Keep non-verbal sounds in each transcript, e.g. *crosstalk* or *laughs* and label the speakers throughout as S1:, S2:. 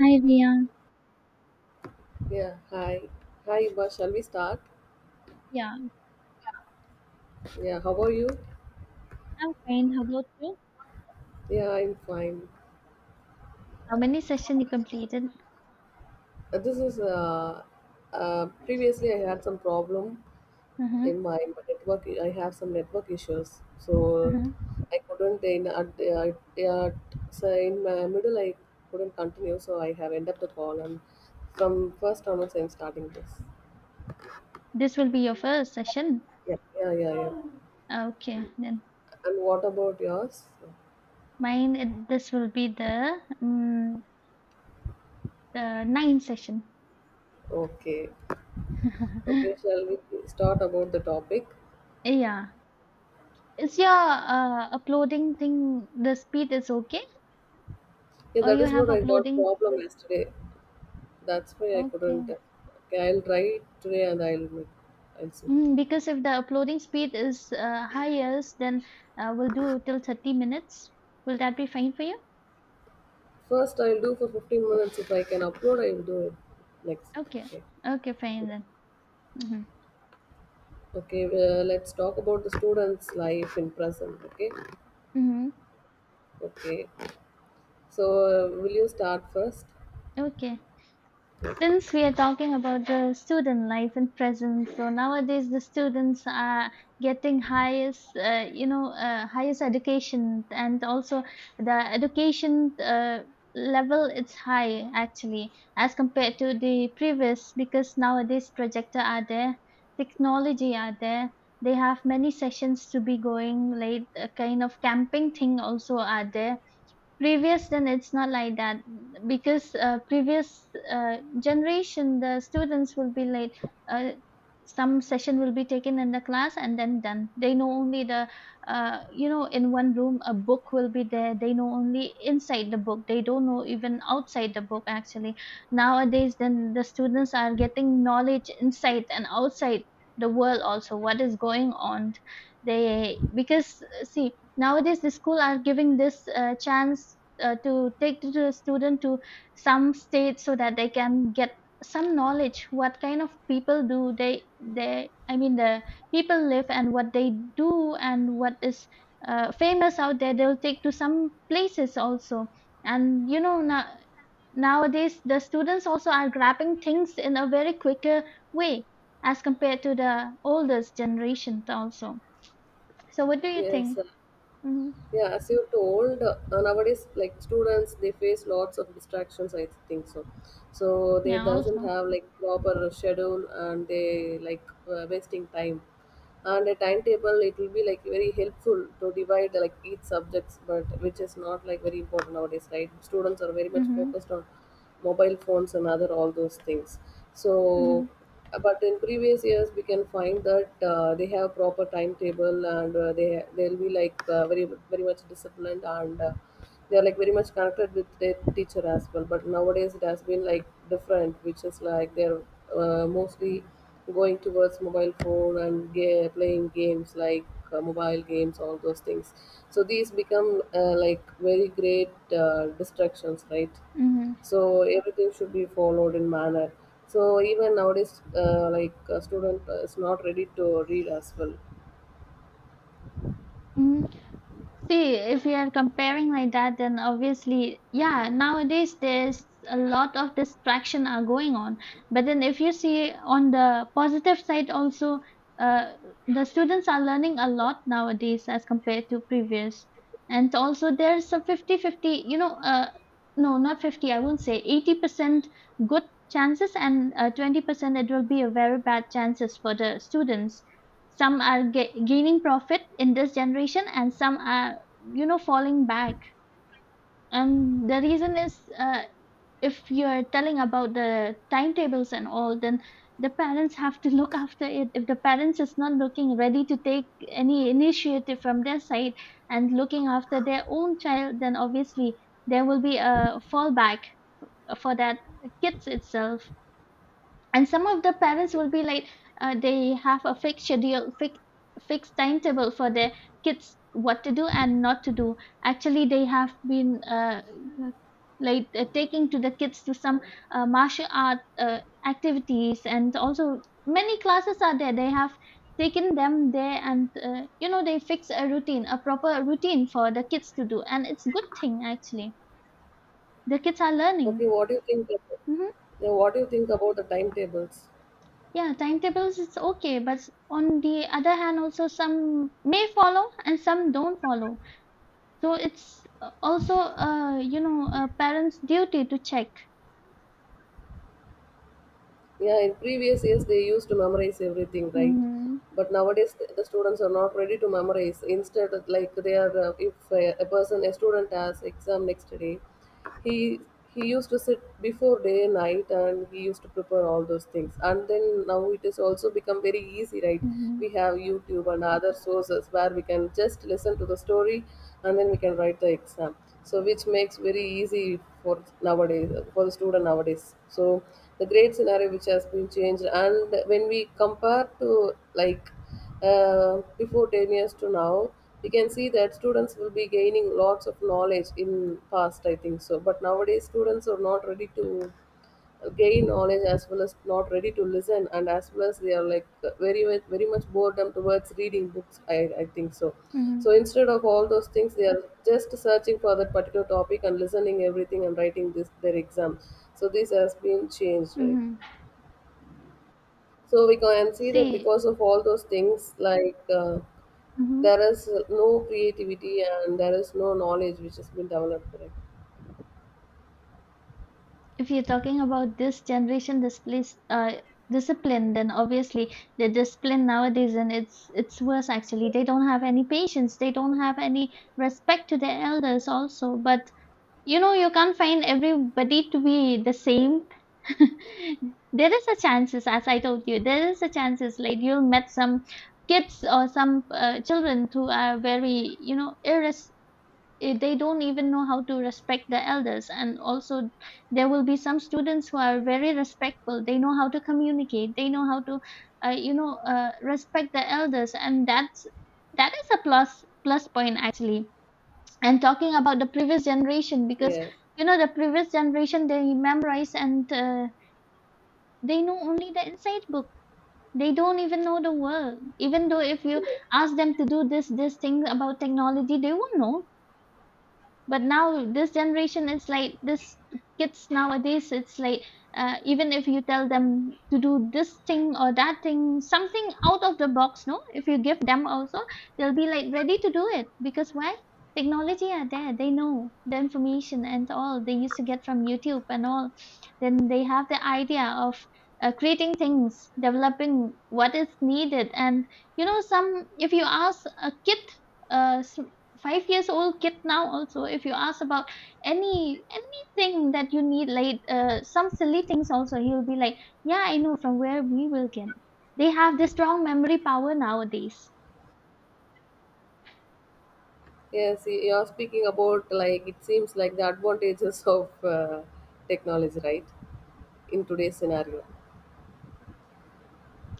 S1: Hi, Riyan.
S2: Yeah, hi. Hi, Uba. Shall we start?
S1: Yeah,
S2: Yeah, how are you?
S1: I'm fine. How about you?
S2: Yeah, I'm fine.
S1: How many sessions you completed?
S2: This is Previously I had some problem
S1: Mm-hmm.
S2: in my network. I have some network issues, so
S1: Mm-hmm.
S2: I couldn't in at the at so in my middle I couldn't continue. So I have ended up the call, and from first onwards I'm starting this.
S1: This will be your first session.
S2: Yeah, yeah, yeah, yeah.
S1: Yeah. Okay, then
S2: And what about yours?
S1: mine. This will be um, the ninth session.
S2: Okay, okay.
S1: *laughs*
S2: Shall we start about the topic?
S1: Yeah, is your uploading thing the speed is okay,
S2: Yeah,
S1: or
S2: that
S1: you
S2: is what
S1: have
S2: I got
S1: uploading?
S2: problem yesterday. That's why I couldn't.
S1: Okay,
S2: Okay, I'll try today and I'll make. I'll see.
S1: because if the uploading speed is highest, then we'll do till 30 minutes. Will that be fine for you?
S2: First, I'll do for 15 minutes. If I can upload, I'll do it next.
S1: Okay.
S2: Okay.
S1: Okay, fine then. Mm-hmm.
S2: Okay. Let's talk about the students' life in present. Okay.
S1: Mm-hmm.
S2: Okay. So, will you start first?
S1: Okay. Since we are talking about the student life and present, so nowadays the students are getting highest, highest education, and also the education level it's high actually as compared to the previous because nowadays projector are there, technology are there. They have many sessions to be going late, a kind of camping thing also are there previous then it's not like that because previous generation the students will be late uh, some session will be taken in the class and then done they know only the in one room a book will be there they know only inside the book they don't know even outside the book actually nowadays then the students are getting knowledge inside and outside the world also what is going on they because see nowadays the school are giving this chance to take to the student to some state so that they can get some knowledge what kind of people do they I mean the people live and what they do and what is famous out there they'll take to some places also and you know nowadays the students also are grabbing things in a very quicker way as compared to the oldest generation also so what do you
S2: Yes.
S1: think.
S2: uh,
S1: Mm-hmm.
S2: Yeah, as you told, nowadays like students they face lots of distractions. I think so. So they
S1: Yeah,
S2: doesn't
S1: also.
S2: have like proper schedule and they like wasting time. And a timetable it will be like very helpful to divide like each subjects, but which is not like very important nowadays, right? Students are very much
S1: Mm-hmm.
S2: focused on mobile phones and other all those things, so,
S1: Mm-hmm.
S2: but in previous years we can find that they have proper timetable and they'll be like very, very much disciplined and they are like very much connected with their teacher as well, but nowadays it has been like different, which is like they're mostly going towards mobile phone and playing games like mobile games, all those things. So these become like very great distractions, right?
S1: Mm-hmm.
S2: So everything should be followed in manner. So even nowadays like a student is not ready to read as well.
S1: Hmm. See, if we are comparing like that, then obviously, yeah, nowadays there's a lot of distraction are going on. But then if you see on the positive side also, uh, the students are learning a lot nowadays as compared to previous. And also there's a 50-50. No, not 50, I won't say 80% good chances and 20% it will be a very bad chances for the students. Some are gaining profit in this generation, and some are, you know, falling back. And the reason is, if you're telling about the timetables and all, then the parents have to *laughs* look after it. If the parents is not looking ready to take any initiative from their side and looking after their own child, then obviously there will be a fallback for that kids itself. And some of the parents will be like they have a fixed timetable for their kids what to do and not to do actually. They have been like taking to the kids to some martial art activities, and also many classes are there. They have taken them there, and they fix a routine, a proper routine for the kids to do, and it's good thing actually. The kids are learning.
S2: Okay, what do you think about,
S1: Mhm.
S2: yeah, what do you think about the timetables?
S1: Yeah, timetables is okay, but on the other hand, also some may follow and some don't follow. So it's also, a parent's duty to check.
S2: Yeah, in previous years they used to memorize everything, right?
S1: Mm-hmm,
S2: But nowadays the students are not ready to memorize. Instead, like they are, if a person, a student has exam next day, he he used to sit before day and night and he used to prepare all those things. And then now it has also become very easy, right?
S1: mm-hmm,
S2: We have YouTube and other sources where we can just listen to the story and then we can write the exam, so which makes very easy for nowadays for the student nowadays. So the great scenario which has been changed, and when we compare to like before 10 years to now, we can see that students will be gaining lots of knowledge in past, I think so. But nowadays students are not ready to gain knowledge as well as not ready to listen, and as well as they are like very much very much boredom towards reading books, i think so. So
S1: mm-hmm,
S2: instead of all those things they are just searching for that particular topic and listening everything and writing this their exam, so this has been changed, right?
S1: mm-hmm.
S2: So we can see that
S1: See,
S2: because of all those things like
S1: hmm,
S2: there is no creativity and there is no knowledge which has been developed, right?
S1: if you're talking about this generation displays, discipline, then obviously the discipline nowadays and it's worse actually. They don't have any patience. They don't have any respect to their elders also. But you know, you can't find everybody to be the same. *laughs* There is a chances, as I told you, there is a chances like you'll met some kids or some children who are very, you know, they don't even know how to respect the elders. And also, there will be some students who are very respectful. They know how to communicate. They know how to, respect the elders, and that is a plus plus point actually. And talking about the previous generation, because
S2: Yeah.
S1: you know the previous generation they memorize and they know only the inside book. They don't even know the world. Even though if you ask them to do this thing about technology they won't know. But now this generation is like this, kids nowadays it's like even if you tell them to do this thing or that thing, something out of the box, no, if you give them also they'll be like ready to do it because why, technology are there, they know the information and all they used to get from YouTube and all. Then they have the idea of creating things, developing what is needed. And you know, some if you ask a kid, a 5 years old kid now also, if you ask about anything that you need, like some silly things also, he will be like yeah I know from where we will get. They have this strong memory power nowadays.
S2: You're speaking about like it seems like the advantages *laughs* of technology, right? In today's scenario,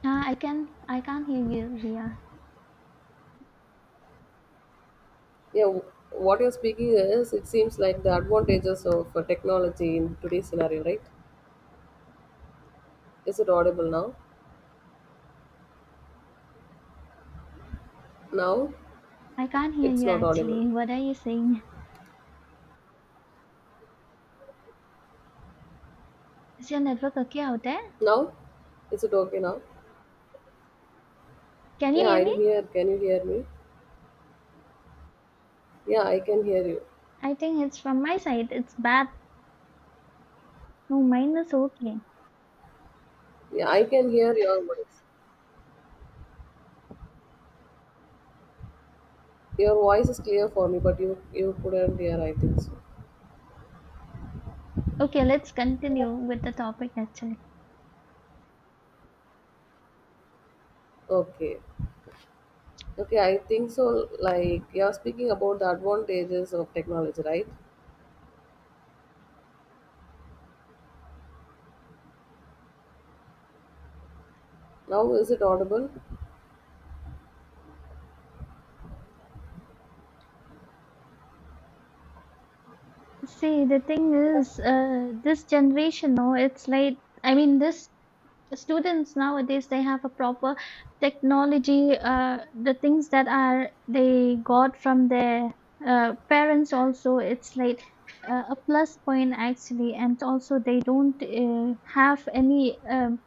S1: I can't hear you, Ria.
S2: yeah. What you're speaking is it seems like the advantages of technology in today's scenario, right? Is it audible now? Now,
S1: I can't hear
S2: it's
S1: you
S2: not audible.
S1: actually. What are you saying? Is your network okay out there?
S2: Now, is it okay now?
S1: Can you
S2: Yeah,
S1: hear
S2: I'm
S1: me?
S2: here. Can you hear me? Yeah, I can hear you.
S1: I think it's from my side, it's bad. No, mine is okay.
S2: Yeah, I can hear your voice. Your voice is clear for me, but you couldn't hear. I think so.
S1: Okay, let's continue with the topic actually.
S2: Okay. Okay, I think so. Like you're speaking about the advantages of technology, right? Now is it audible?
S1: See, the thing is, this generation now, it's like, I mean, this students nowadays, they have a proper technology, the things that are they got from their parents also, it's like a plus point actually. And also they don't have any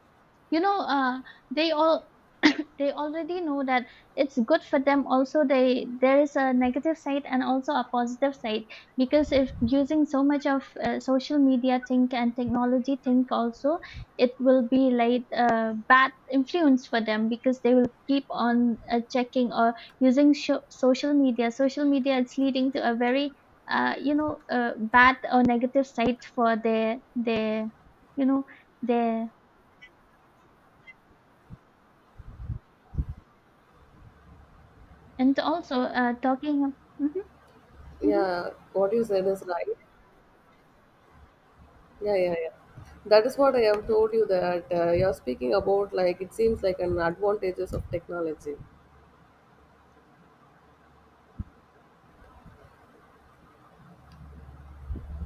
S1: you know uh, they all *coughs* they already know that it's good for them also. They there is a negative side and also a positive side because if using so much of social media think and technology think also, it will be like a bad influence for them because they will keep on checking or using social media. Social media, it's leading to a very bad or negative side for their you know their and also, talking. Mhm, mhm.
S2: Yeah, what you said is right. Yeah, yeah, yeah. That is what I have told you that you're speaking about. Like it seems like an advantages of technology.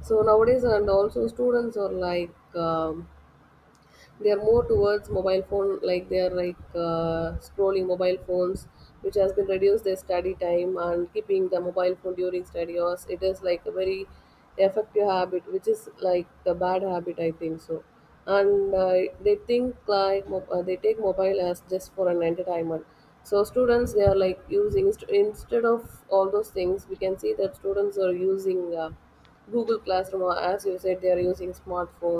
S2: So nowadays, and also students are like they are more towards mobile phone, like they are like scrolling mobile phones, which has been reduced their study time. And keeping the mobile phone during study hours, it is like a very effective habit, which is like a bad habit, I think so. And they think like they take mobile as just for an entertainment. So students they are like instead of all those things we can see that students are using Google Classroom, or as you said, they are using smartphones